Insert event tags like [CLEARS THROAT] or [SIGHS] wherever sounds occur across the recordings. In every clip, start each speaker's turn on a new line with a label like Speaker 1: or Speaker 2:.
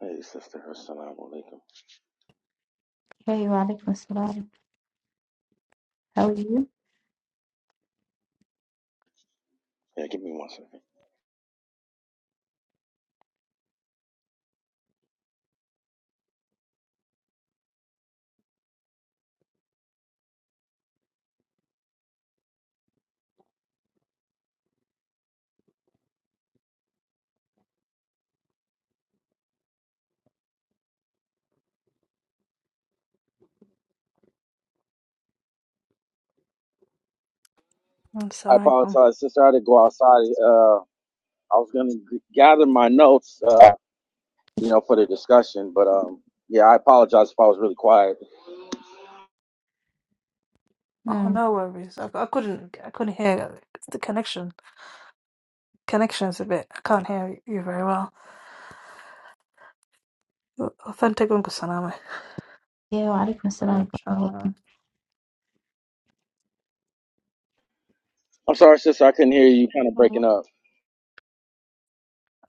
Speaker 1: Hey, sister. Assalamu alaikum.
Speaker 2: Hey, Walaikum assalam. How are you?
Speaker 1: Yeah, give me one second.
Speaker 3: I'm
Speaker 1: I
Speaker 3: sorry. Oh,
Speaker 1: apologize, sister. I had to go outside. Uh, I was going to gather my notes, uh, you know, for the discussion. But um, yeah, I apologize if I was really quiet.
Speaker 3: oh,
Speaker 2: Mm.
Speaker 3: no worries. I, I couldn't. I couldn't hear like, the connection. Connection's a bit. I can't hear you very well. Authentic Uncle Saname.
Speaker 2: Yeah, Walaikum
Speaker 3: Uh,
Speaker 2: assalam. I hope
Speaker 3: inshallah.
Speaker 2: you-
Speaker 1: I'm sorry, sister. I couldn't hear you. Kind of breaking up.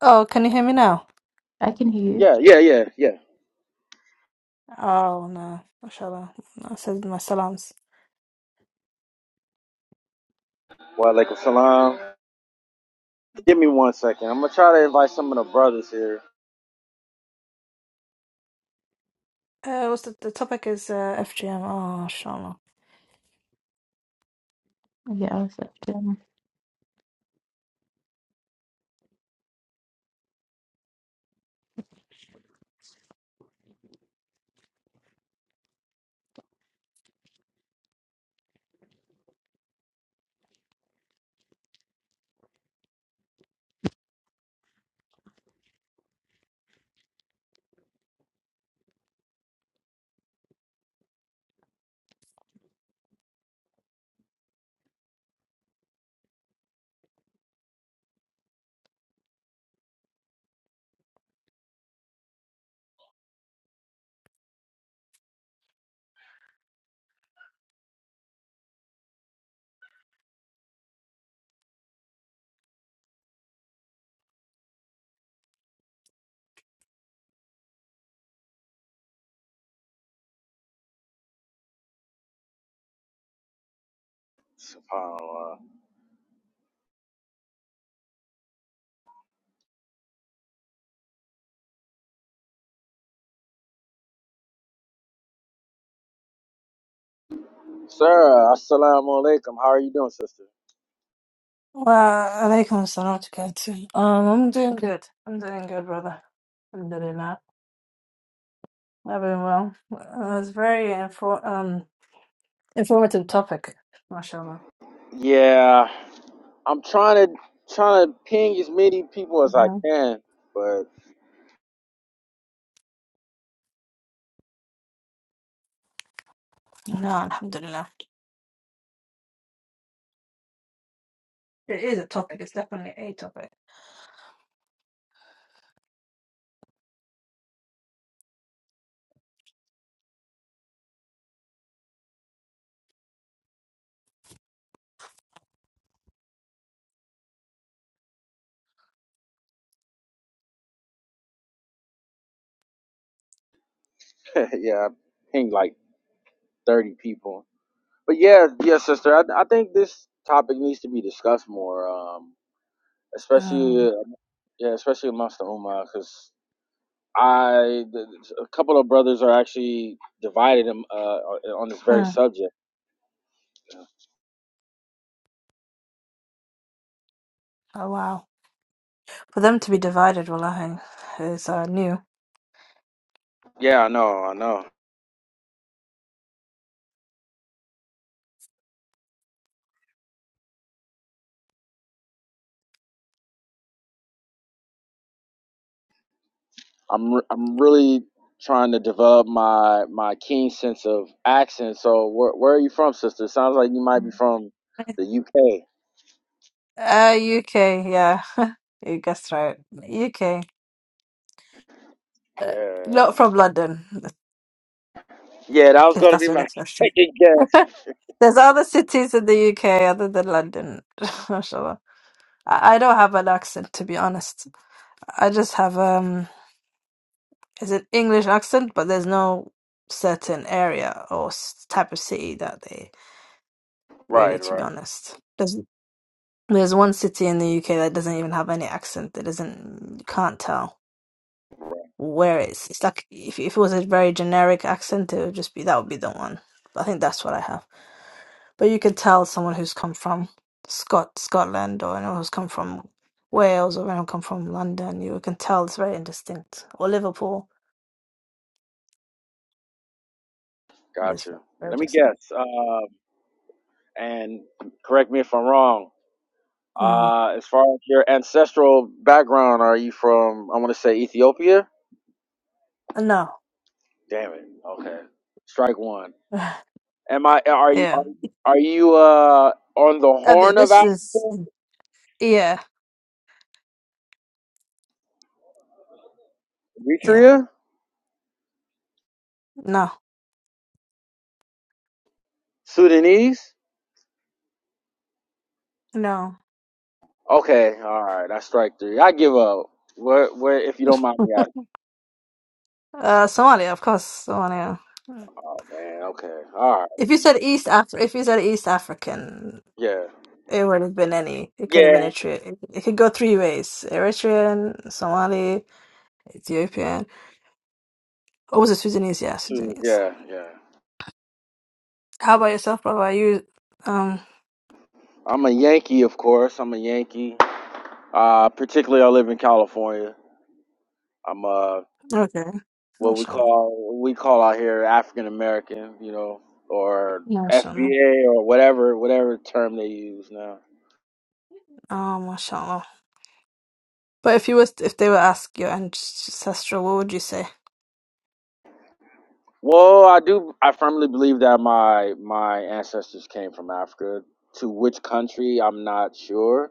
Speaker 3: Oh, can you hear me now?
Speaker 2: I can hear you.
Speaker 1: Yeah, yeah, yeah, yeah.
Speaker 3: Oh no, mashallah. I said my salams.
Speaker 1: Wa alaikum salam. Give me one second. I'm gonna try to invite some of the brothers here.
Speaker 3: Uh, what's the, the topic is uh, FGM. Oh, mashallah.
Speaker 2: Yeah, I was up too.
Speaker 1: SubhanAllah. Sarah, assalamu alaikum. How are you doing, sister?
Speaker 3: Well, alaikum salam to God too. Um, I'm doing good. I'm doing good, brother. Alhamdulillah. I've been well. Uh, It's very infor- um informative topic, mashallah.
Speaker 1: Yeah, I'm trying to trying to ping as many people as I
Speaker 3: hmm
Speaker 1: can, but
Speaker 3: No, alhamdulillah. It is a topic. It's definitely a topic.
Speaker 1: [LAUGHS] yeah, I pinged like 30 people. But yeah, yeah, sister, I, I think this topic needs to be discussed more, um, especially
Speaker 3: Um,
Speaker 1: uh, yeah, especially amongst the ummah, because I th- th- a couple of brothers are actually divided um, uh, on this very
Speaker 3: mm,
Speaker 1: subject.
Speaker 3: oh, wow. For them to be divided, wallahi, is uh, new.
Speaker 1: Yeah, I know, I know. I'm re- I'm really trying to develop my my keen sense of accent. So where where are you from, sister? Sounds like you might be from the UK.
Speaker 3: Uh, UK, yeah. [LAUGHS] You guessed right. UK. Uh, not
Speaker 1: Yeah.
Speaker 3: from London,
Speaker 1: Yeah, that was
Speaker 3: if
Speaker 1: gonna
Speaker 3: that's
Speaker 1: be
Speaker 3: your
Speaker 1: my [LAUGHS]
Speaker 3: next question.
Speaker 1: second guess.
Speaker 3: There's other cities in the UK other than London. [LAUGHS] Mashallah. I, I don't have an accent to be honest. I just have um it's an English accent, but there's no certain area or s- type of city that they really
Speaker 1: Right,
Speaker 3: to be
Speaker 1: right,
Speaker 3: honest. There's there's one city in the UK that doesn't even have any accent. That doesn't you can't tell
Speaker 1: right.
Speaker 3: where it's. It's like if if it was a very generic accent, it would just be that would be the one. I think that's what I have. But you could tell someone who's come from Scot Scotland or anyone who's come from Wales or anyone come from London, you can tell it's very indistinct. Or Liverpool is
Speaker 1: Gotcha.
Speaker 3: very, very
Speaker 1: Let me
Speaker 3: distinct.
Speaker 1: guess. Um, and correct me if I'm wrong.
Speaker 3: Mm.
Speaker 1: Uh, as far as your ancestral background, are you from? I want to say Ethiopia.
Speaker 3: No.
Speaker 1: Damn it. Okay. Strike one.
Speaker 3: [SIGHS]
Speaker 1: Am I? Are you?
Speaker 3: yeah.
Speaker 1: Are you? Are you uh, on the
Speaker 3: Uh, th-
Speaker 1: Horn of
Speaker 3: This is
Speaker 1: Africa?
Speaker 3: yeah. Yeah.
Speaker 1: Eritrea?
Speaker 3: No.
Speaker 1: Sudanese?
Speaker 3: No.
Speaker 1: Okay. All right. I strike three. I give up. What? What? If you don't mind me asking.
Speaker 3: Uh Somalia, of course, Somalia. Mm.
Speaker 1: Oh man. Okay. All right.
Speaker 3: If you said East Af if you said East African,
Speaker 1: Yeah.
Speaker 3: it would have been any. It could have been
Speaker 1: Yeah.
Speaker 3: Eritrea. It, it could go three ways. Eritrean, Somali, Ethiopian. Oh, was it Sudanese? Yeah,
Speaker 1: Sudan-
Speaker 3: Sudanese.
Speaker 1: Yeah. Yeah.
Speaker 3: How about yourself, brother? Are you um
Speaker 1: I'm a Yankee, of course. I'm a Yankee. Uh, particularly, I live in California. I'm uh
Speaker 3: okay?
Speaker 1: what we
Speaker 3: Mashallah.
Speaker 1: call we call out here African American, you know, or
Speaker 3: Mashallah.
Speaker 1: FBA or whatever whatever term they use now.
Speaker 3: Oh, mashallah. But if you was if they were ask your ancestral, what would you say?
Speaker 1: Well, I do. I firmly believe that my my ancestors came from Africa. To which country, I'm not sure.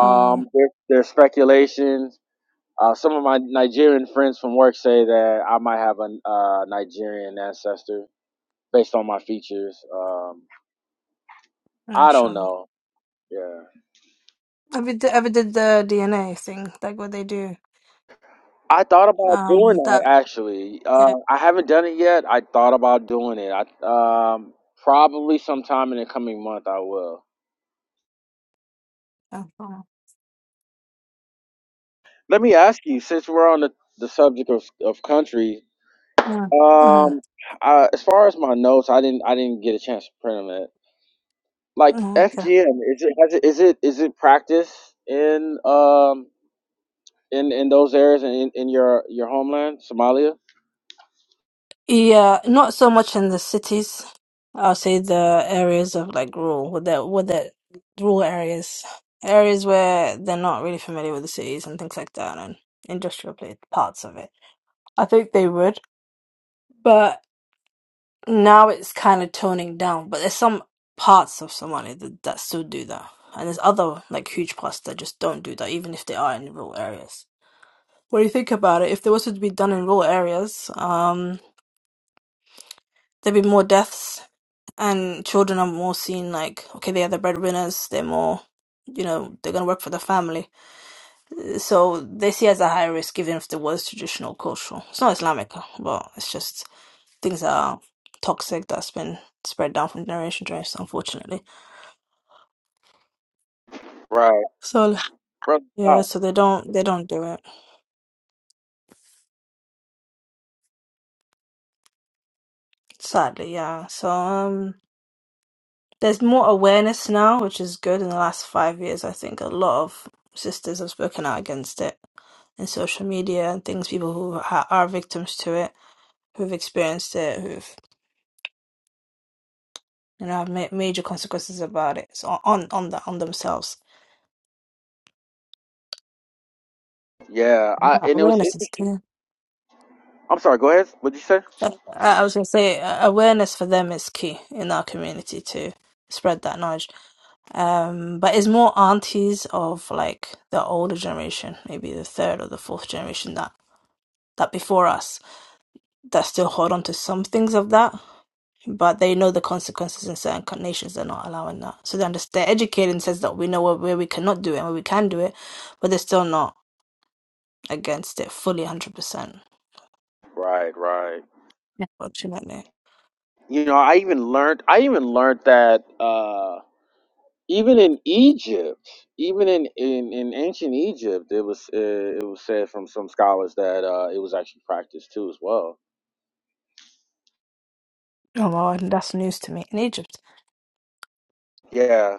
Speaker 3: Mm,
Speaker 1: there, there's speculation. Uh, some of my Nigerian friends from work say that I might have a uh, Nigerian ancestor based on my features. Um, I don't
Speaker 3: mashallah.
Speaker 1: know. Yeah,
Speaker 3: Have you d- ever did the DNA thing, like what they do?
Speaker 1: I thought about doing
Speaker 3: Um,
Speaker 1: that
Speaker 3: that
Speaker 1: actually. Uh,
Speaker 3: yeah.
Speaker 1: I haven't done it yet. I thought about doing it. I um, probably sometime in the coming month I will.
Speaker 3: Uh-huh.
Speaker 1: Let me ask you, since we're on the, the subject of of country, um, uh, as far as my notes, I didn't I didn't get a chance to print them. It like
Speaker 3: Uh-huh.
Speaker 1: FGM is it has it is it is it practice in um in in those areas and in in your your homeland Somalia?
Speaker 3: Yeah, not so much in the cities. I'll say the areas of like rural, with the with the rural areas, areas where they're not really familiar with the cities and things like that, and industrial pla- parts of it. I think they would, but now it's kind of toning down. But there's some parts of Somalia that, that still do that, and there's other like huge parts that just don't do that, even if they are in rural areas. When you think about it, if there was to be done in rural areas, um, there'd be more deaths And children are more seen like, okay, they are the breadwinners, they're more, you know, they're gonna work for the family. So they see it as a high risk, even if there was traditional cultural. It's not Islamic, uh, but it's just things that are toxic that's been spread down from generation to generation, unfortunately.
Speaker 1: Right,
Speaker 3: So
Speaker 1: brother.
Speaker 3: yeah, so they don't they don't do it. Sadly, yeah. So um there's more awareness now, which is good in the last five years. I think a lot of sisters have spoken out against it and social media and things people who ha- are victims to it who've experienced it who've you know have ma- major consequences about it so on on the, on themselves
Speaker 1: Yeah, I
Speaker 3: Uh,
Speaker 1: and it was.
Speaker 3: awareness is
Speaker 1: Interesting.
Speaker 3: key
Speaker 1: I'm sorry. Go ahead. What'd you say?
Speaker 3: Uh, I, I was going to say uh, awareness for them is key in our community to spread that knowledge um but it's more aunties of like the older generation maybe the third or the fourth generation that that before us that still hold on to some things of that but they know the consequences in certain co- nations. They're not allowing that, so they understand. They're educated in the that we know where, where we cannot do it and where we can do it, but they're still not against it fully, one hundred percent.
Speaker 1: Right, right.
Speaker 3: Fortunately,
Speaker 1: You know, I even learned. I even learned that uh, even in Egypt, even in, in, in ancient Egypt, it was uh, it was said from some scholars that uh, it was actually practiced too as well.
Speaker 3: oh wow, and that's news to me in Egypt.
Speaker 1: Yeah,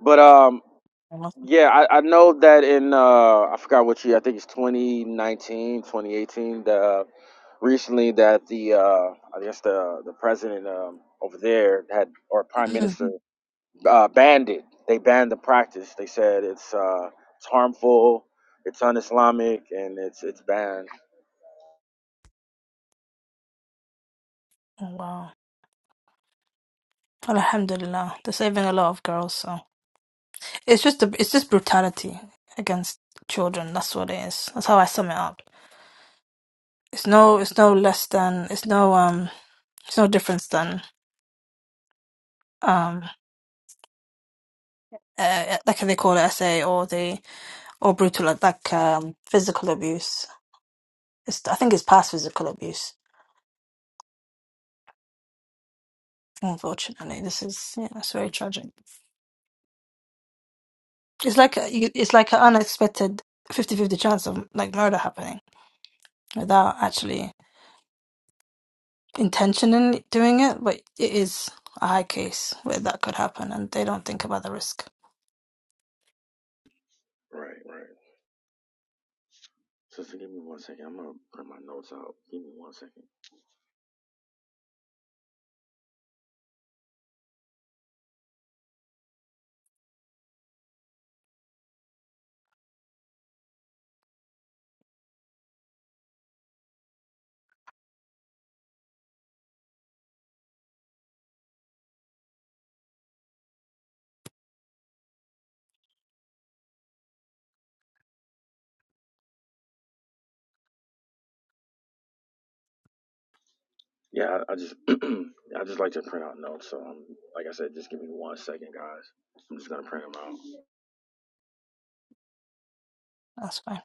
Speaker 1: but um,
Speaker 3: Oh, wow.
Speaker 1: yeah, I, I know that in uh, I forgot what year. I think it's 2019, 2018. The uh, recently that the uh, I guess the the president um, over there had or prime minister
Speaker 3: Mm.
Speaker 1: uh, banned it. They banned the practice. They said it's uh, it's harmful, it's un-Islamic, and it's it's banned.
Speaker 3: Oh, wow. Alhamdulillah, they're saving a lot of girls. So it's just a, it's just brutality against children. That's what it is. That's how I sum it up. It's no, it's no less than, it's no, um, it's no difference than, um, uh, like how they call it SA or the or brutal like like, um, physical abuse. It's, I think it's past physical abuse. Unfortunately, this is yeah, it's very tragic. It's like a, you- it's like an unexpected fifty-fifty chance of like murder happening without actually intentionally doing it, but it is a high case where that could happen, and they don't think about the risk.
Speaker 1: Right, right. Sister, give me one second. I'm gonna print my notes out. Give me one second. Yeah, I, I just [CLEARS THROAT] I just like to print out notes. So i like I said, just give me one second, guys. I'm just gonna print them out.
Speaker 3: That's fine.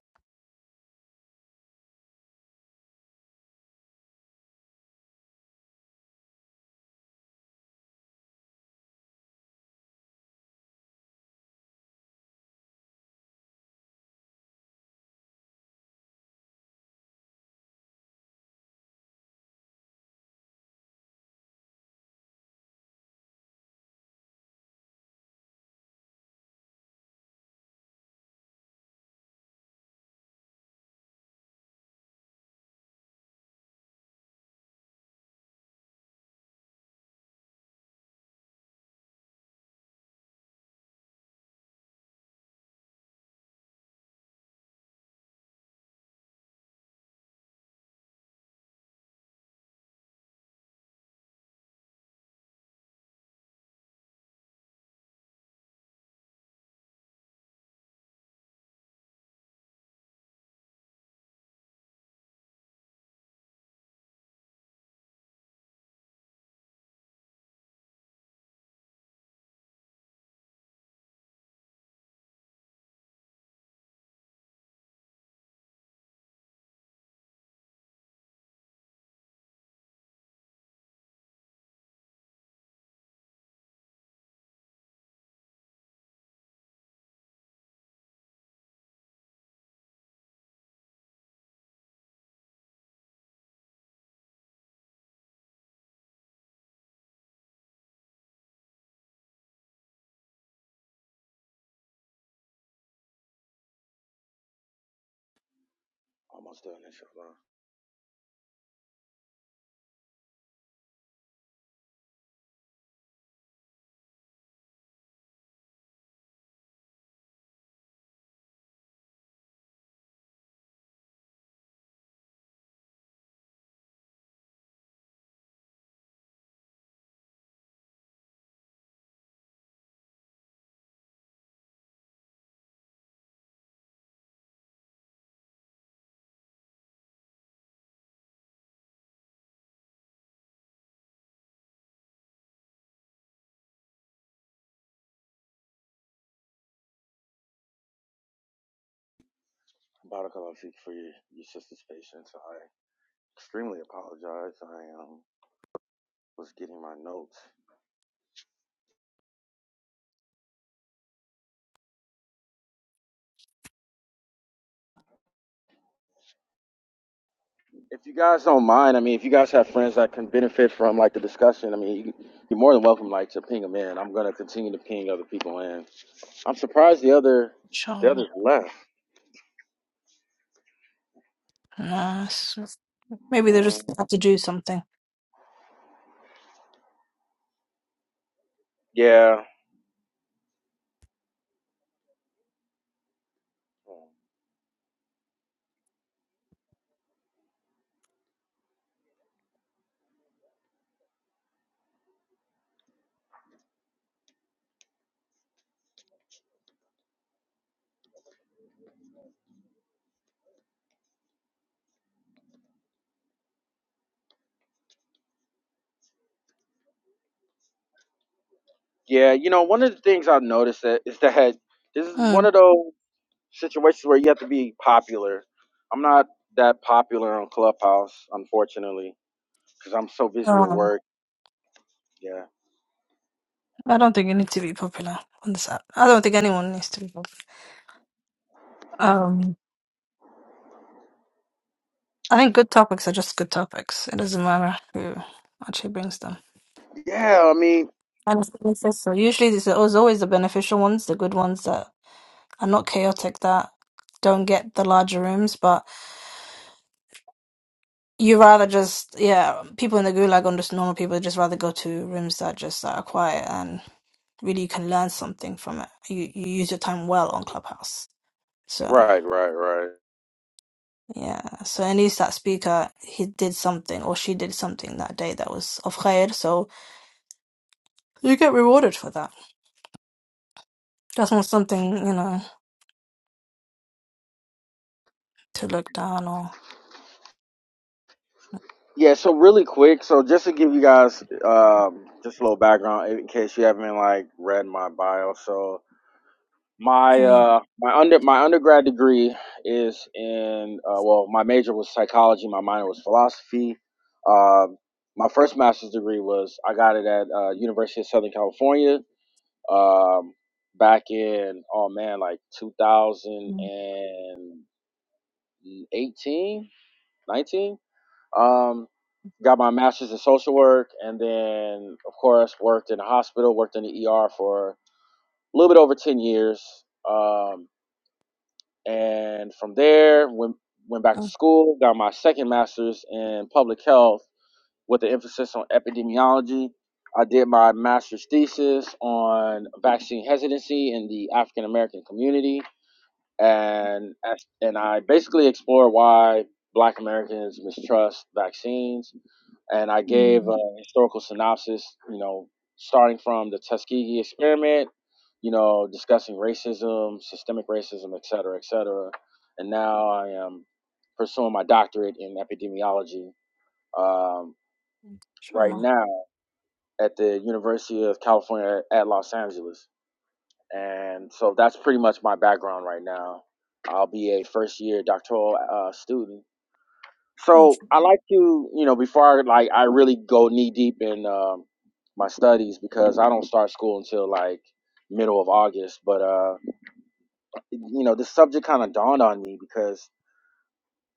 Speaker 1: Almost done, inshallah. Barakallah feek for your, your sister's patience. I extremely apologize. I um, was getting my notes If you guys don't mind, I mean, if you guys have friends that can benefit from like the discussion, I mean, you, you're more than welcome like to ping them in. I'm gonna continue to ping other people in. I'm surprised the other the
Speaker 3: Sure.
Speaker 1: others left.
Speaker 3: Nice. Maybe they
Speaker 1: Mm,
Speaker 3: just have to do something.
Speaker 1: yeah, yeah. You know, one of the things I've noticed that is that this is one
Speaker 3: Mm.
Speaker 1: of those situations where you have to be popular. I'm not that popular on Clubhouse, unfortunately, because I'm so busy with
Speaker 3: Um,
Speaker 1: work. Yeah.
Speaker 3: I don't think you need to be popular on this app. I don't think anyone needs to be popular. Um, I think good topics are just good topics. It doesn't matter who actually brings them.
Speaker 1: Yeah. I mean,
Speaker 3: And it's beneficial. Usually, it's it's always the beneficial ones, the good ones that are not chaotic, that don't get the larger rooms. But you rather just, yeah, people in the gulag and just normal people just rather go to rooms that just that are quiet and really you can learn something from it. You you use your time well on Clubhouse. So.
Speaker 1: right, right, right.
Speaker 3: Yeah, so at least that speaker, he did something or she did something that day that was of khair, so you get rewarded for that. That's not something, you know, to look down or.
Speaker 1: Yeah, so really quick, so just to give you guys um, just a little background in case you haven't like read my bio. So my
Speaker 3: Mm,
Speaker 1: uh, my under my undergrad degree is in uh, well, my major was psychology, my minor was philosophy. Um my first master's degree was I got it at uh, University of Southern California um, back in oh man like two thousand
Speaker 3: mm,
Speaker 1: and eighteen nineteen. Um, got my master's in social work and then of course worked in a hospital worked in the er for a little bit over 10 years um, and from there went, went back to
Speaker 3: mm,
Speaker 1: school got my second master's in public health with an emphasis on epidemiology i did my master's thesis on vaccine hesitancy in the african american community and and i basically explored why black americans mistrust vaccines and I gave
Speaker 3: mm,
Speaker 1: a historical synopsis, you know, starting from the Tuskegee experiment, you know, discussing racism, systemic racism, et cetera, et cetera. And now I am pursuing my doctorate in epidemiology um,
Speaker 3: sure,
Speaker 1: right
Speaker 3: no,
Speaker 1: now at the University of California at Los Angeles. And so that's pretty much my background right now. I'll be a first year doctoral uh, student
Speaker 3: no,
Speaker 1: So
Speaker 3: sure,
Speaker 1: I like to, you know, before I, like I really go knee deep in um, my studies because I don't start school until like middle of August. But uh, you know, this subject kind of dawned on me because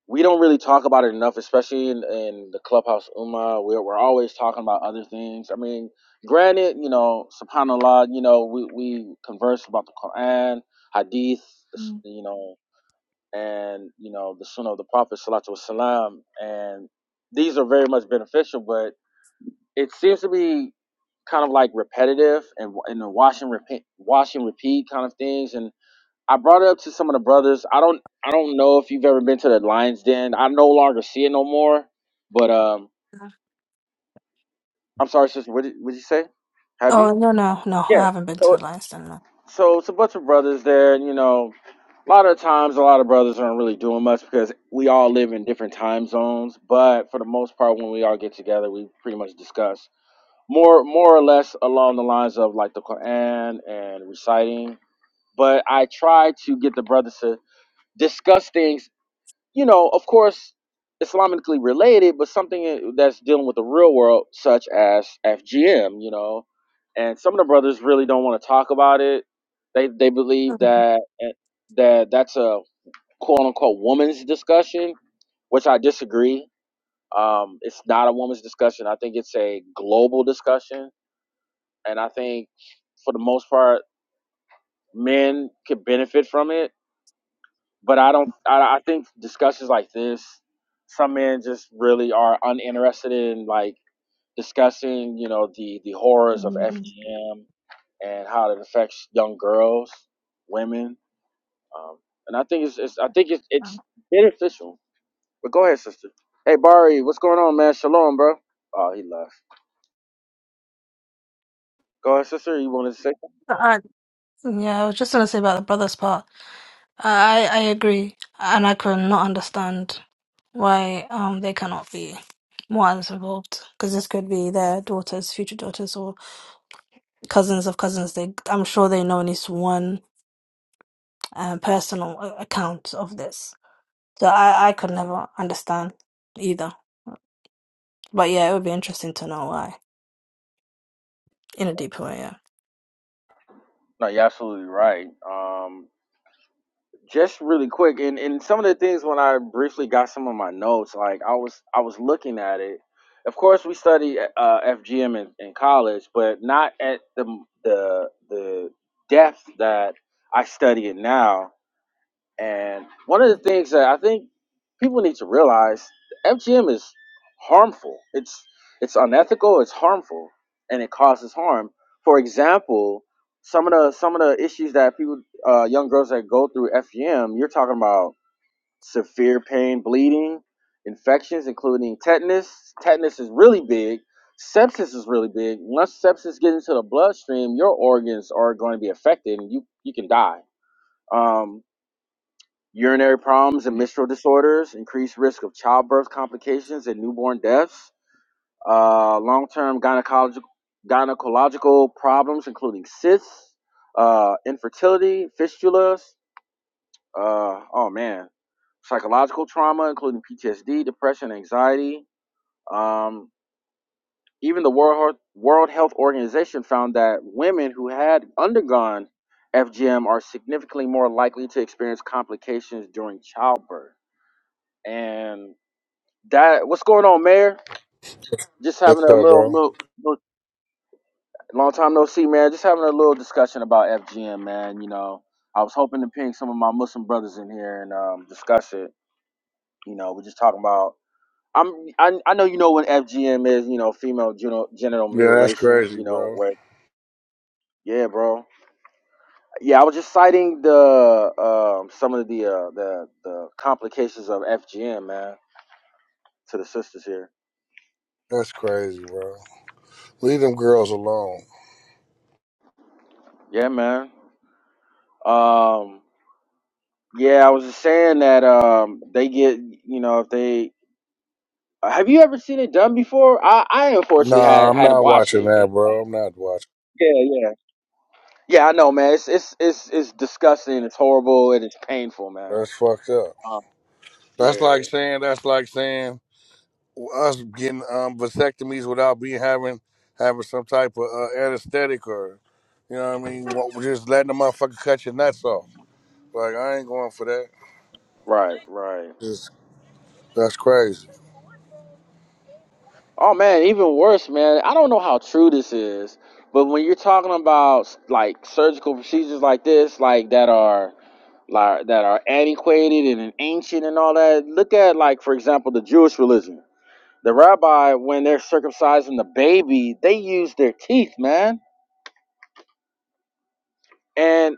Speaker 1: we don't really talk about it enough, especially in, in the clubhouse Uma. We're we're always talking about other things. I mean, granted, you know, Subhanallah, you know, we we converse about the Quran, Hadith,
Speaker 3: mm.
Speaker 1: you know, and you know the Sunnah of the Prophet Salatu Wasalam, and these are very much beneficial. But it seems to be kind of like repetitive and and a wash and repeat, wash and repeat kind of things. And I brought it up to some of the brothers. I don't I don't know if you've ever been to the Lions Den. I no longer see it no more. But um, I'm sorry, sister. What did, what did you say? Have you?
Speaker 3: Oh, no, no, no,
Speaker 1: Yeah.
Speaker 3: I haven't been to
Speaker 1: So
Speaker 3: the Lions Den, no.
Speaker 1: So it's a bunch of brothers there, and you know, a lot of times, a lot of brothers aren't really doing much because we all live in different time zones. But for the most part, when we all get together, we pretty much discuss more, more or less along the lines of like the Quran and reciting. But I try to get the brothers to discuss things you know, of course, Islamically related, but something uh, that's dealing with the real world, such as FGM, you know. And some of the brothers really don't want to talk about it. They they believe that eh, that that's a quote unquote woman's discussion, which I disagree. Um, it's not a woman's discussion. I think it's a global discussion, and I think for the most part, men could benefit from it but I don't.
Speaker 3: Mm.
Speaker 1: I, I think discussions like this, some men just really are uninterested in like discussing, you know, the the horrors of
Speaker 3: Mm.
Speaker 1: FGM and how it affects young girls, women, um, and I think it's, it's I think it's it's beneficial. But go ahead, sister. Hey, Bari, what's going on, man? Shalom, bro. Oh, he left. Go ahead, sister. You wanted to say? something?
Speaker 3: Uh, Yeah, I was just gonna say about the brother's part. I I agree, and I could not understand why um they cannot be more as involved because this could be their daughters, future daughters, or cousins of cousins. They, I'm sure they know at least one uh, personal a- account of this. So I I could never understand either. But yeah, it would be interesting to know why in a deeper way. Yeah.
Speaker 1: No, you're absolutely right. Um, just really quick and, and some of the things when i briefly got some of my notes like i was i was looking at it of course we study uh, fgm in, in college but not at the the the depth that i study it now and one of the things that I think people need to realize, FGM is harmful. It's it's unethical, it's harmful, and it causes harm. For example, some of the some of the issues that people uh, young girls that go through FGM, you're talking about severe pain, bleeding, infections including tetanus. Tetanus is really big. Sepsis is really big. Once sepsis gets into the bloodstream, your organs are going to be affected and you you can die. Um, urinary problems and menstrual disorders, increased risk of childbirth complications and newborn deaths, uh, long-term gynecological gynecological problems including cysts, uh, infertility, fistulas, uh, oh man, psychological trauma including PTSD, depression, anxiety. Um, even the World World Health Organization found that women who had undergone FGM are significantly more likely to experience complications during childbirth. And That what's going on, Mayor? Just having
Speaker 4: What's
Speaker 1: a
Speaker 4: up,
Speaker 1: little,
Speaker 4: bro?
Speaker 1: little, little long time no see, man. Just having a little discussion about FGM, man. You know, I was hoping to ping some of my Muslim brothers in here and um, discuss it. You know, we're just talking about. I'm. I, I know you know what FGM is. You know, female genital, genital
Speaker 4: Yeah, that's
Speaker 1: mutilation.
Speaker 4: crazy,
Speaker 1: You know
Speaker 4: bro.
Speaker 1: where. Yeah, bro. Yeah, I was just citing the um, some of the uh, the the complications of FGM, man, to the sisters here.
Speaker 4: That's crazy, bro. Leave them girls alone.
Speaker 1: Yeah, man. Um, Yeah, I was just saying that um they get you know if they have you ever seen it done before? I I unfortunately
Speaker 4: Nah,
Speaker 1: had
Speaker 4: I'm
Speaker 1: had to
Speaker 4: not
Speaker 1: watch
Speaker 4: watching
Speaker 1: it.
Speaker 4: that,
Speaker 1: And
Speaker 4: bro. I'm not watching.
Speaker 1: yeah, yeah, yeah. I know, man. It's it's it's it's disgusting. It's horrible and it's painful, man.
Speaker 4: That's fucked up.
Speaker 1: Um,
Speaker 4: That's
Speaker 1: yeah,
Speaker 4: like saying that's like saying us getting um, vasectomies without being having having some type of uh, anesthetic or you know what I mean. What- just letting the motherfucker cut your nuts off. Like I ain't going for that.
Speaker 1: right, right.
Speaker 4: Just, that's crazy.
Speaker 1: Oh man, even worse, man. I don't know how true this is, but when you're talking about like surgical procedures like this, like that are like that are antiquated and ancient and all that. Look at like for example the Jewish religion. The rabbi, when they're circumcising the baby, they use their teeth, man. And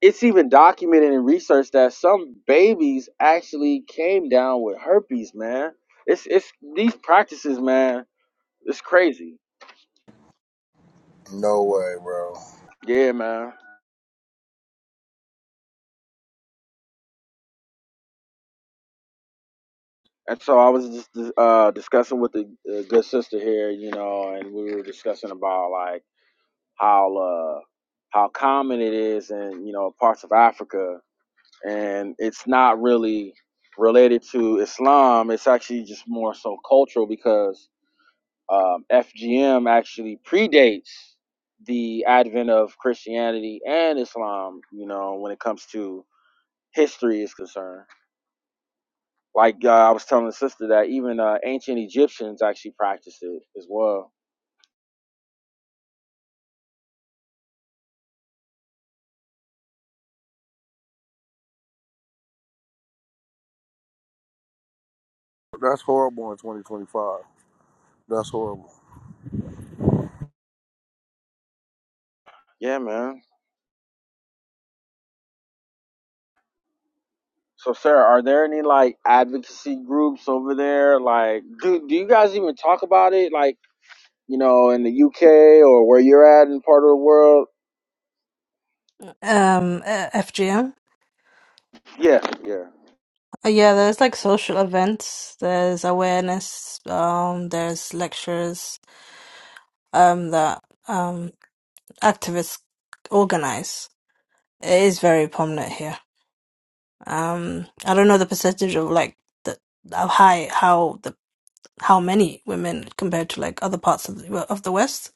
Speaker 1: it's even documented in research that some babies actually came down with herpes, man. It's it's these practices, man. It's crazy.
Speaker 4: No way, bro.
Speaker 1: Yeah, man. And so I was just uh, discussing with the uh, good sister here, you know, and we were discussing about like how uh, how common it is in you know parts of Africa and it's not really related to Islam. It's actually just more so cultural because um, FGM actually predates the advent of Christianity and Islam. You know, when it comes to history is concerned. Like uh, I was telling the sister that even uh, ancient Egyptians actually practiced it as well.
Speaker 4: That's horrible in 2025. That's horrible.
Speaker 1: Yeah, man. So, Sarah, are there any like advocacy groups over there? Like, do do you guys even talk about it? Like you know, in the UK or where you're at in part of the world.
Speaker 3: Um, uh, FGM.
Speaker 1: Yeah, yeah,
Speaker 3: Uh, Yeah, there's like social events, there's awareness, um, there's lectures, um, that um activists organize. It is very prominent here. Um, I don't know the percentage of like the how high how the how many women compared to like other parts of the well, of the West,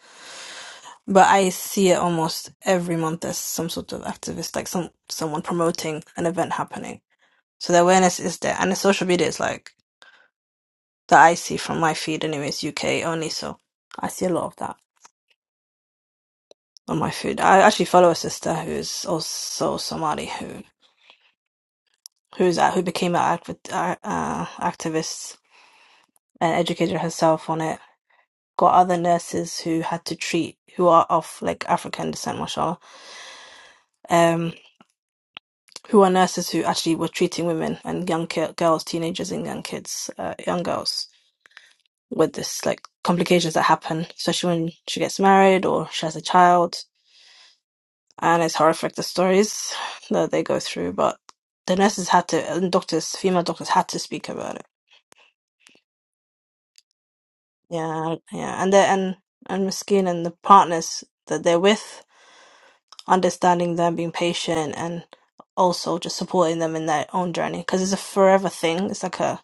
Speaker 3: but I see it almost every month. There's some sort of activist, like some someone promoting an event happening. So the awareness is there, and the social media is like. that I see from my feed, anyways, UK only. So I see a lot of that on my feed. I actually follow a sister who's also Somali who who's a- who became an acti- uh, uh, activist and educated herself on it. Got other nurses who had to treat who are of like African descent, mashallah, um, who are nurses who actually were treating women and young ki- girls, teenagers and young kids, uh, young girls with this like complications that happen, especially when she gets married or she has a child and it's horrific the stories that they go through. But the nurses had to, and doctors, female doctors had to speak about it. Yeah, yeah, and the and and Miskeen and the partners that they're with, understanding them, being patient, and also just supporting them in their own journey because it's a forever thing. It's like a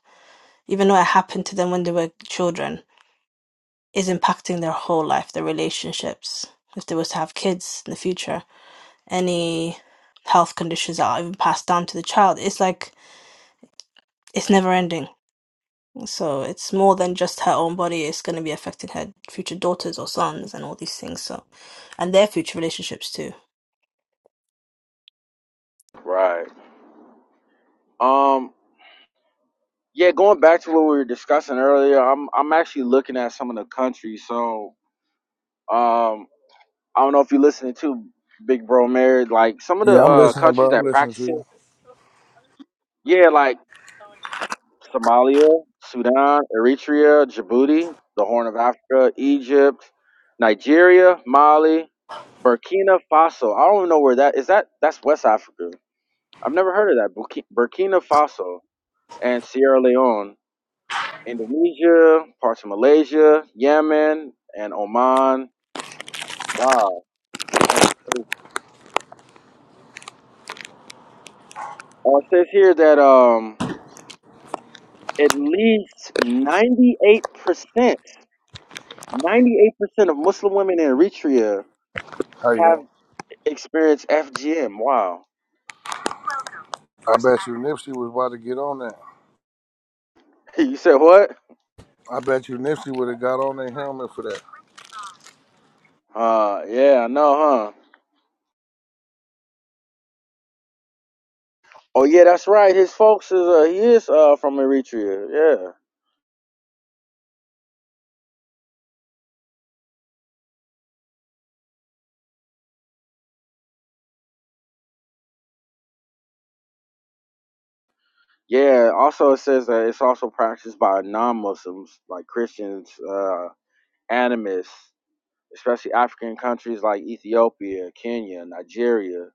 Speaker 3: even though it happened to them when they were children, is impacting their whole life, their relationships. If they was to have kids in the future, any health conditions that are even passed down to the child, it's like it's never ending. So it's more than just her own body. It's going to be affecting her future daughters or sons and all these things. So, and their future relationships too.
Speaker 1: right. Um, yeah, going back to what we were discussing earlier, I'm I'm actually looking at some of the countries. So, um, I don't know if you're listening to Big Bro Mary, like some of the
Speaker 4: Yeah, I'm
Speaker 1: uh
Speaker 4: listening,
Speaker 1: countries
Speaker 4: bro. I'm
Speaker 1: that
Speaker 4: listening to
Speaker 1: practice
Speaker 4: you.
Speaker 1: it. Yeah, like Somalia, Sudan, Eritrea, Djibouti, the Horn of Africa, Egypt, Nigeria, Mali, Burkina Faso. I don't know where that is. That that's West Africa. I've never heard of that. Burki- Burkina Faso and Sierra Leone, Indonesia, parts of Malaysia, Yemen, and Oman. Wow. Uh, uh, it says here that um, at least 98%, 98% of Muslim women in Eritrea
Speaker 4: How you
Speaker 1: have
Speaker 4: doing?
Speaker 1: experienced FGM. Wow.
Speaker 4: I bet you Nipsey was about to get on that.
Speaker 1: [LAUGHS] you said what?
Speaker 4: I bet you Nipsey would have got on their helmet for that.
Speaker 1: Uh, yeah, I know, huh? Oh, yeah, that's right. His folks is, uh, he is, uh, from Eritrea. Yeah. Yeah, also it says that it's also practiced by non-Muslims like Christians, uh, animists, especially African countries like Ethiopia, Kenya, Nigeria.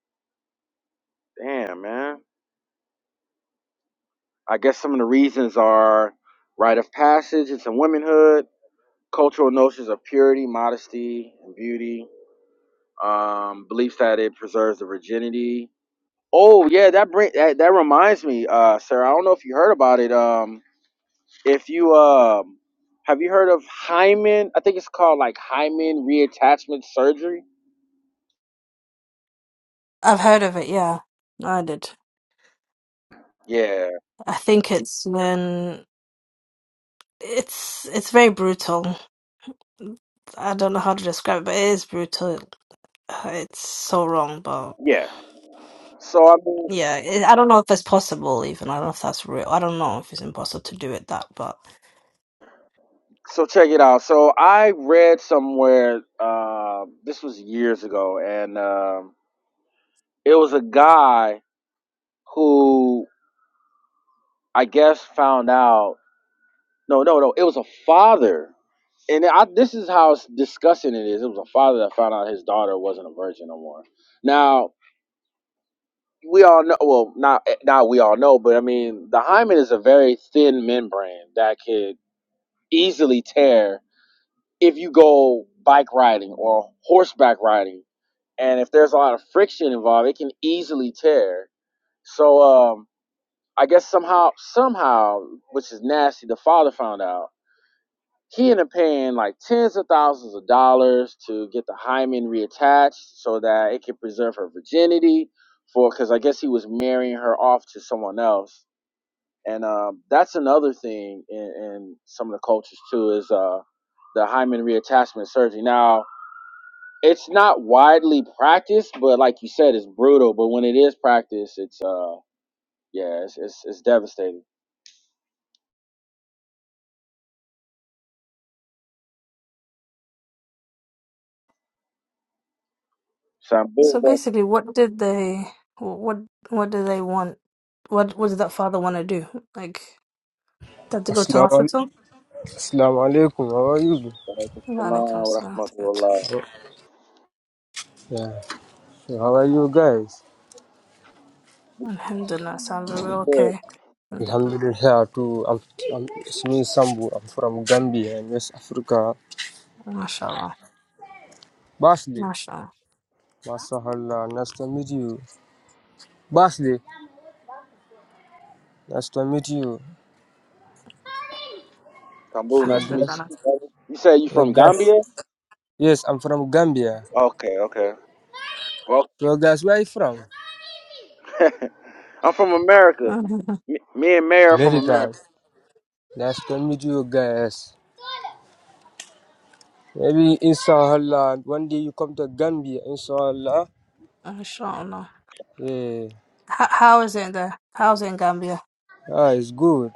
Speaker 1: Damn, man. I guess some of the reasons are rite of passage into womanhood, cultural notions of purity, modesty, and beauty, um, beliefs that it preserves the virginity. Oh yeah, that bring that, that reminds me, uh, Sarah. I don't know if you heard about it. Um, If you um have you heard of hymen? I think it's called like hymen reattachment surgery.
Speaker 3: I've heard of it. Yeah, I did.
Speaker 1: Yeah,
Speaker 3: I think it's when it's it's very brutal. I don't know how to describe it, but it is brutal. Uh, It's so wrong, but.
Speaker 1: yeah. So I mean,
Speaker 3: Yeah, it, I don't know if it's possible even. I don't know if that's real. I don't know if it's impossible to do it that, but
Speaker 1: so check it out. So I read somewhere uh, this was years ago, and um, it was a guy who I guess found out. No, no, no. It was a father, and I, this is how disgusting it is. It was a father that found out his daughter wasn't a virgin no more. Now we all know well not eh, not we all know but i mean the hymen is a very thin membrane that could easily tear if you go bike riding or horseback riding and if there's a lot of friction involved it can easily tear so um i guess somehow somehow which is nasty the father found out he ended up paying like tens of thousands of dollars to get the hymen reattached so that it could preserve her virginity for because I guess he was marrying her off to someone else. And um, that's another thing in, in some of the cultures too is uh, the hymen reattachment surgery. Now, it's not widely practiced, but like you said, it's brutal. But when it is practiced, it's uh, yeah, it's it's, it's devastating. So I'm big
Speaker 3: so
Speaker 1: up.
Speaker 3: basically, what did they what what do they want? What what did that father want to do? Like, they had to go to
Speaker 5: Assalamu
Speaker 3: hospital?
Speaker 5: alaikum. How are you?
Speaker 3: Alaikum
Speaker 1: Wa
Speaker 3: salam to go to.
Speaker 1: rahmatullah.
Speaker 5: Yeah. So how are you guys?
Speaker 3: Alhamdulillah, sound very
Speaker 1: Be
Speaker 3: well,
Speaker 1: Good.
Speaker 3: okay. Alhamdulillah.
Speaker 5: Alhamdulillah. Too. I'm. I'm. It's me, Sambu. I'm from Gambia in West Africa.
Speaker 3: Mashallah.
Speaker 5: Basley.
Speaker 3: Mashallah.
Speaker 5: Masahallah. Nice to meet you. Basley. Nice to meet you.
Speaker 1: Kambu,
Speaker 5: So
Speaker 1: nice to meet
Speaker 5: guys.
Speaker 3: Alhamdulillah.
Speaker 1: you. You say you
Speaker 5: So
Speaker 1: from
Speaker 5: guys.
Speaker 1: Gambia?
Speaker 5: Yes, I'm from Gambia.
Speaker 1: Okay, okay. Well,
Speaker 5: So guys, where are you from?
Speaker 1: [LAUGHS] I'm from America.
Speaker 3: [LAUGHS]
Speaker 1: Me, me and Mary are from
Speaker 5: America.
Speaker 1: America.
Speaker 5: Nice to meet you guys. Maybe inshallah one day you come to Gambia. Inshallah.
Speaker 3: Mashallah.
Speaker 5: Yeah.
Speaker 3: How, how is it in there? How's it in Gambia?
Speaker 5: Ah, it's good.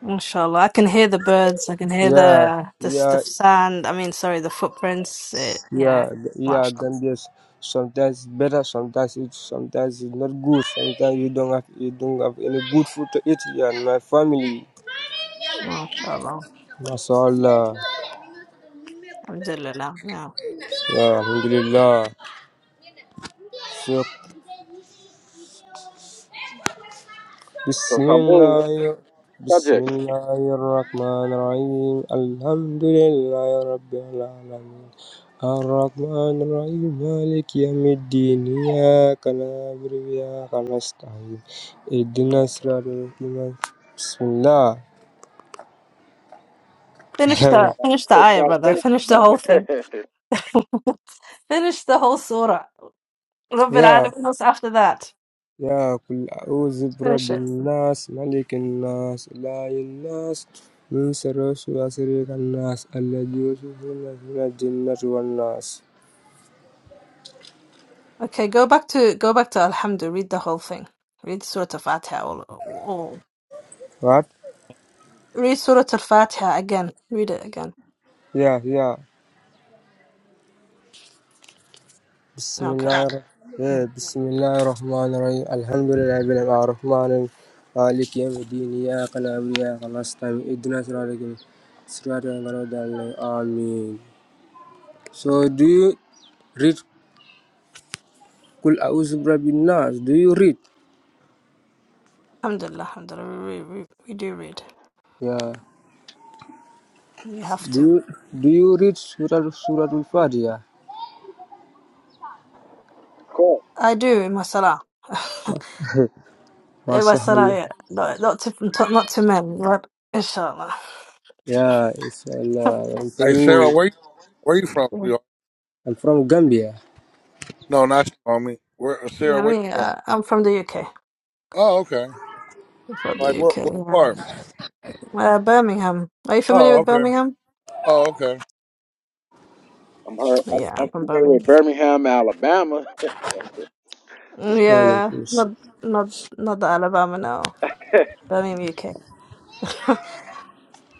Speaker 3: Inshallah, I can hear the birds. I can hear
Speaker 5: Yeah,
Speaker 3: the the, s- the
Speaker 5: yeah,
Speaker 3: sand. I mean, sorry, the footprints. It, yeah,
Speaker 5: yeah, th- yeah.
Speaker 3: mashallah,
Speaker 5: Then there's sometimes better, sometimes it's sometimes it's not good. Sometimes you don't have you don't have any good food to eat. Yeah, and my family.
Speaker 3: mashallah,
Speaker 5: That's all. Uh,
Speaker 3: alhamdulillah. Yeah,
Speaker 5: yeah, alhamdulillah.
Speaker 1: So, Kambu, what's
Speaker 5: Bismillah,
Speaker 1: the subject? Hey,
Speaker 5: Bismillah, al-Rakman al-Raheem. Alhamdulillah, Rabbi al-Amin. Al-Rakman al-Raheem, Malik al-Din, Niyah, Kalabr Ya, Kalastayyid, Nasr al-Nasman. Bismillah,
Speaker 3: finish the finish the
Speaker 1: you
Speaker 3: ayah,
Speaker 1: gotta
Speaker 3: brother.
Speaker 1: finish
Speaker 3: Finish the whole
Speaker 1: it,
Speaker 3: thing.
Speaker 1: man.
Speaker 3: [LAUGHS] finish the whole surah. Rabbil
Speaker 5: Ya,
Speaker 3: Alamin. What's after that?
Speaker 5: Ya, kullu Zubra
Speaker 3: Finish it.
Speaker 5: bil-Nas, Malik al-Nas, La il Nas, min Sirush wa Sirik al-Nas. Allahu shukru Nashuna, Jinnar wa Nas.
Speaker 3: Okay, go back to go back to Alhamdulillah. Read the whole thing. Read Surah Al Fatiha. All, all.
Speaker 5: [LAUGHS] What?
Speaker 3: Read Surah Al Fatiha again. Read it again.
Speaker 5: Yeah, yeah.
Speaker 3: Okay.
Speaker 5: Bismillah. Yeah, Bismillah rahman rahim Alhamdulillah bil ar-Rahman مالك يوم الدين إياك نعبد وإياك نستعين اهدنا صراطك صراط الذين So do you read Kul A'udzu Birabbin Nas? Do you read?
Speaker 3: Alhamdulillah, alhamdulillah, we, we, we we do read.
Speaker 5: Yeah.
Speaker 3: We have
Speaker 5: Do
Speaker 3: to.
Speaker 5: you, do you read Surah Surah Al-Fatiha?
Speaker 1: [LAUGHS] of course.
Speaker 3: I do in my salah. [LAUGHS] in my salah,
Speaker 5: Masahal.
Speaker 3: yeah. Not, not to not, not to men, but inshallah.
Speaker 5: Yeah, it's
Speaker 3: [LAUGHS]
Speaker 5: Allah. I'm from
Speaker 4: Hey Sarah, where you where you from,
Speaker 3: Yeah.
Speaker 4: sweetheart?
Speaker 5: I'm from Gambia.
Speaker 4: No, not you, homie. Where uh, Sarah,
Speaker 3: I
Speaker 4: where you
Speaker 3: mean,
Speaker 4: from?
Speaker 3: uh, I'm from the UK.
Speaker 4: Oh, okay.
Speaker 3: am from the
Speaker 4: Like
Speaker 3: UK,
Speaker 4: what what
Speaker 3: yeah.
Speaker 4: part?
Speaker 3: Uh, Birmingham. Are you familiar
Speaker 4: Oh,
Speaker 3: with
Speaker 4: okay.
Speaker 3: Birmingham?
Speaker 4: Oh, okay.
Speaker 1: I'm, her, I'm,
Speaker 3: Yeah,
Speaker 1: I'm
Speaker 3: from
Speaker 1: familiar
Speaker 3: Birmingham.
Speaker 1: with Birmingham, Alabama. [LAUGHS] Just
Speaker 3: Yeah,
Speaker 5: Waalaikumsalam.
Speaker 3: not not not the Alabama, no.
Speaker 1: kidding.
Speaker 3: Birmingham, UK. [LAUGHS]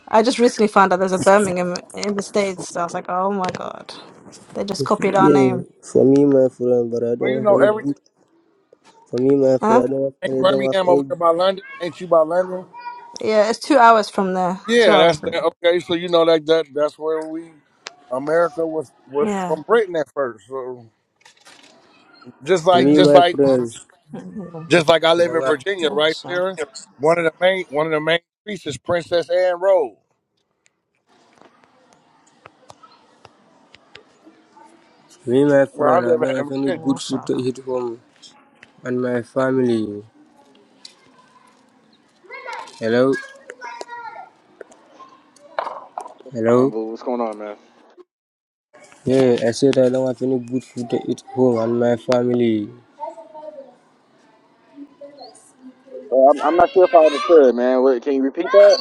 Speaker 3: I just recently found out there's a Birmingham in the States. So I was like, oh my God. They just copied our
Speaker 5: Yeah,
Speaker 3: name.
Speaker 5: for me, my friend, but I
Speaker 4: Well
Speaker 5: don't
Speaker 4: you
Speaker 5: have
Speaker 4: know
Speaker 5: any
Speaker 4: everything
Speaker 5: good. For me, my
Speaker 3: Huh?
Speaker 5: friend,
Speaker 4: ain't
Speaker 5: I don't have any. Don't have
Speaker 4: Birmingham over
Speaker 5: any.
Speaker 4: there by London? Ain't you by London?
Speaker 3: Yeah, it's two hours from there. Two
Speaker 4: Yeah, that's
Speaker 3: hours.
Speaker 4: that
Speaker 3: From
Speaker 4: okay, so you know that that that's where we America was was
Speaker 3: yeah.
Speaker 4: from Britain at first. So just
Speaker 5: For
Speaker 4: like
Speaker 5: me,
Speaker 3: Mm-hmm.
Speaker 4: just
Speaker 5: my
Speaker 4: like
Speaker 5: friend,
Speaker 3: Mm-hmm.
Speaker 4: Just like I
Speaker 5: I
Speaker 4: live
Speaker 5: don't
Speaker 4: in
Speaker 5: have.
Speaker 4: Virginia,
Speaker 3: Mm-hmm.
Speaker 4: right,
Speaker 3: So,
Speaker 4: Sarah? One of the main one of the main streets is Princess Anne Road,
Speaker 5: For me, my
Speaker 4: where I
Speaker 5: friend, I
Speaker 4: live
Speaker 5: don't
Speaker 4: at
Speaker 5: have
Speaker 4: in
Speaker 5: any
Speaker 4: Virginia.
Speaker 3: mm-hmm.
Speaker 5: good food to
Speaker 3: So,
Speaker 5: eat home and my family. Hello, hello.
Speaker 1: Kambu, what's going on, man?
Speaker 5: Yeah, I said I don't have any good food to eat home and my family.
Speaker 1: So I'm, I'm not sure if I understood, it, man. What, can you repeat that?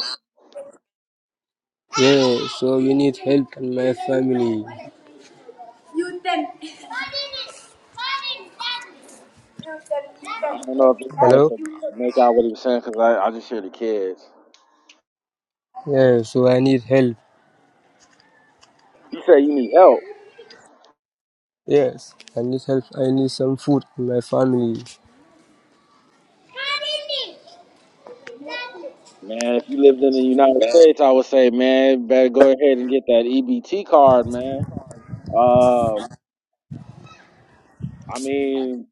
Speaker 5: Yeah, so you need help and my family.
Speaker 1: I don't know if anybody
Speaker 5: Hello.
Speaker 1: can make out what he was saying because I, I just hear the kids.
Speaker 5: Yeah, so I need help.
Speaker 1: You say you need help.
Speaker 5: Yes, I need help. I need some food and my family.
Speaker 1: Man, if you lived in the United States, I would say, man, better go ahead and get that EBT card, man. Uh, I mean,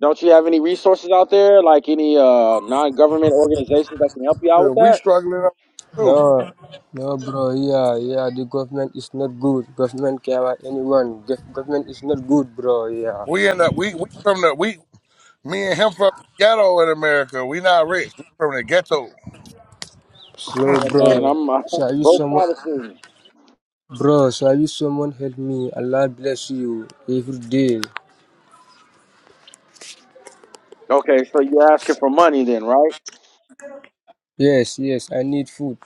Speaker 1: don't you have any resources out there, like any uh non-government organizations that can help you out
Speaker 4: Yeah,
Speaker 1: with
Speaker 4: we
Speaker 1: that?
Speaker 4: struggling up too.
Speaker 5: No, no, bro. Yeah, yeah. The government is not good. Government care about anyone. Gov- government is not good, bro. Yeah.
Speaker 4: We end up we we from the we me and him from the ghetto in America. We not rich. We from the ghetto.
Speaker 5: So,
Speaker 1: Yeah, man,
Speaker 5: bro,
Speaker 1: I'm, [LAUGHS] I'm
Speaker 5: shall
Speaker 1: a
Speaker 5: you
Speaker 1: broke
Speaker 5: someone,
Speaker 1: college student.
Speaker 5: bro? Shall you someone help me? Allah bless you every day.
Speaker 1: Okay, so you're asking for money then, right?
Speaker 5: Yes, yes. I need food.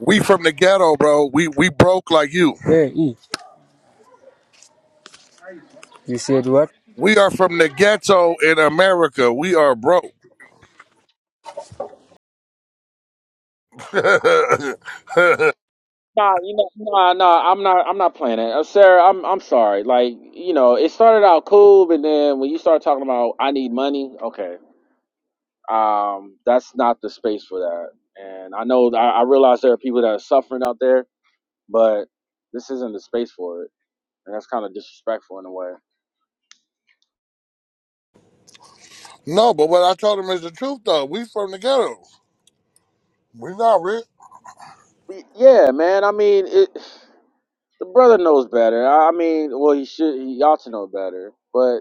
Speaker 4: We from the ghetto, bro. We we broke like you.
Speaker 5: Hey, eat. You said what?
Speaker 4: We are from the ghetto in America. We are broke. [LAUGHS] no,
Speaker 1: Nah, you know, nah, nah. I'm not. I'm not playing it, uh, Sarah. I'm. I'm sorry. Like, you know, it started out cool, but then when you start talking about I need money, okay. um, that's not the space for that. And I know I, I realize there are people that are suffering out there, but this isn't the space for it, and that's kind of disrespectful in a way.
Speaker 4: but what I told him is the truth though. We from the ghetto. We not rich.
Speaker 1: Y- Yeah, man. I mean, it. The brother knows better. I I mean, well, he should. He ought to know better. But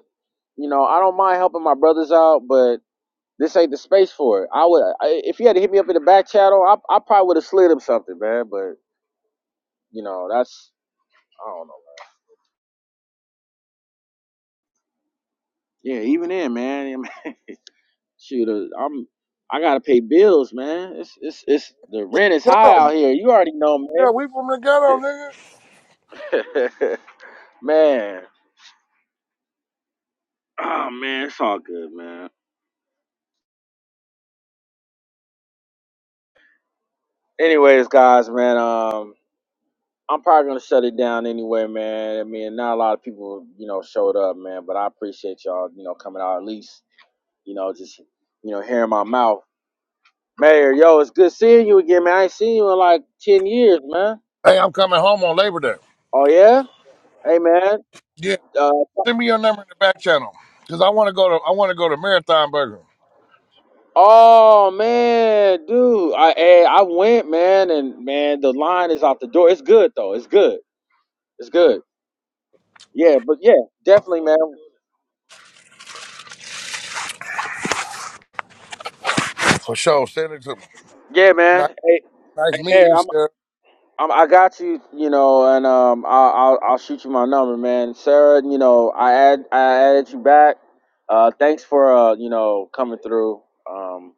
Speaker 1: you know, I don't mind helping my brothers out, but this ain't the space for it. I would, I, if he had to hit me up in the back channel, I, I probably would have slid him something, man. But you know, that's I don't know. Yeah, even then, man. Shoot, uh, I'm I gotta pay bills, man. It's it's it's the rent is high
Speaker 4: Ghetto.
Speaker 1: out here. You already know,
Speaker 4: Yeah, we from the ghetto,
Speaker 1: man.
Speaker 4: nigga.
Speaker 1: [LAUGHS] man, oh man, it's all good, man. Anyways, guys, man, um, I'm probably gonna shut it down anyway, man. I mean, not a lot of people, you know, showed up, man, but I appreciate y'all, you know, coming out at least, you know, just you know, hearing my mouth. Mayor, yo, it's good seeing you again, man. I ain't seen you in like ten years, man.
Speaker 4: Hey, I'm coming home on Labor Day.
Speaker 1: Oh yeah, hey man.
Speaker 4: Yeah,
Speaker 1: uh,
Speaker 4: send me your number in the back channel because I want to go to I want to go to Marathon Burger
Speaker 1: Oh man, dude, I eh, I went, man, and man, the line is out the door. It's good though. It's good. It's good. Yeah, but yeah, definitely, man.
Speaker 4: for sure. Send it to me.
Speaker 1: Yeah, man.
Speaker 4: Nice,
Speaker 1: Hey,
Speaker 4: nice
Speaker 1: hey, Mayor,
Speaker 4: meeting you,
Speaker 1: I'm,
Speaker 4: sir.
Speaker 1: I'm I got you, you know, and um, I, I'll I'll shoot you my number, man. Sarah, you know, I add I added you back. Uh, thanks for uh, you know, coming through. Um,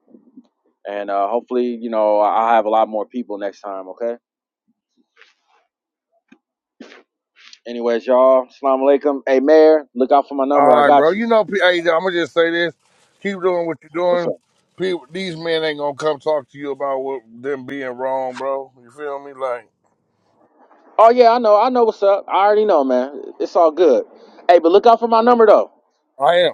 Speaker 1: and uh, hopefully, you know, I- I'll have a lot more people next time. Okay. Anyways, y'all, Assalamu alaikum. Hey, Mayor, look out for my number. I
Speaker 4: All right, bro.
Speaker 1: got you.
Speaker 4: You know, P- hey, I'm gonna just say this: keep doing what you're
Speaker 1: What's up?
Speaker 4: doing. People, these men ain't gonna come talk to you about what them being wrong, bro. You feel me? Like
Speaker 1: Oh yeah, I know. I know what's up. I already know, man. It's all good. Hey, but look out for my number though.
Speaker 4: I am.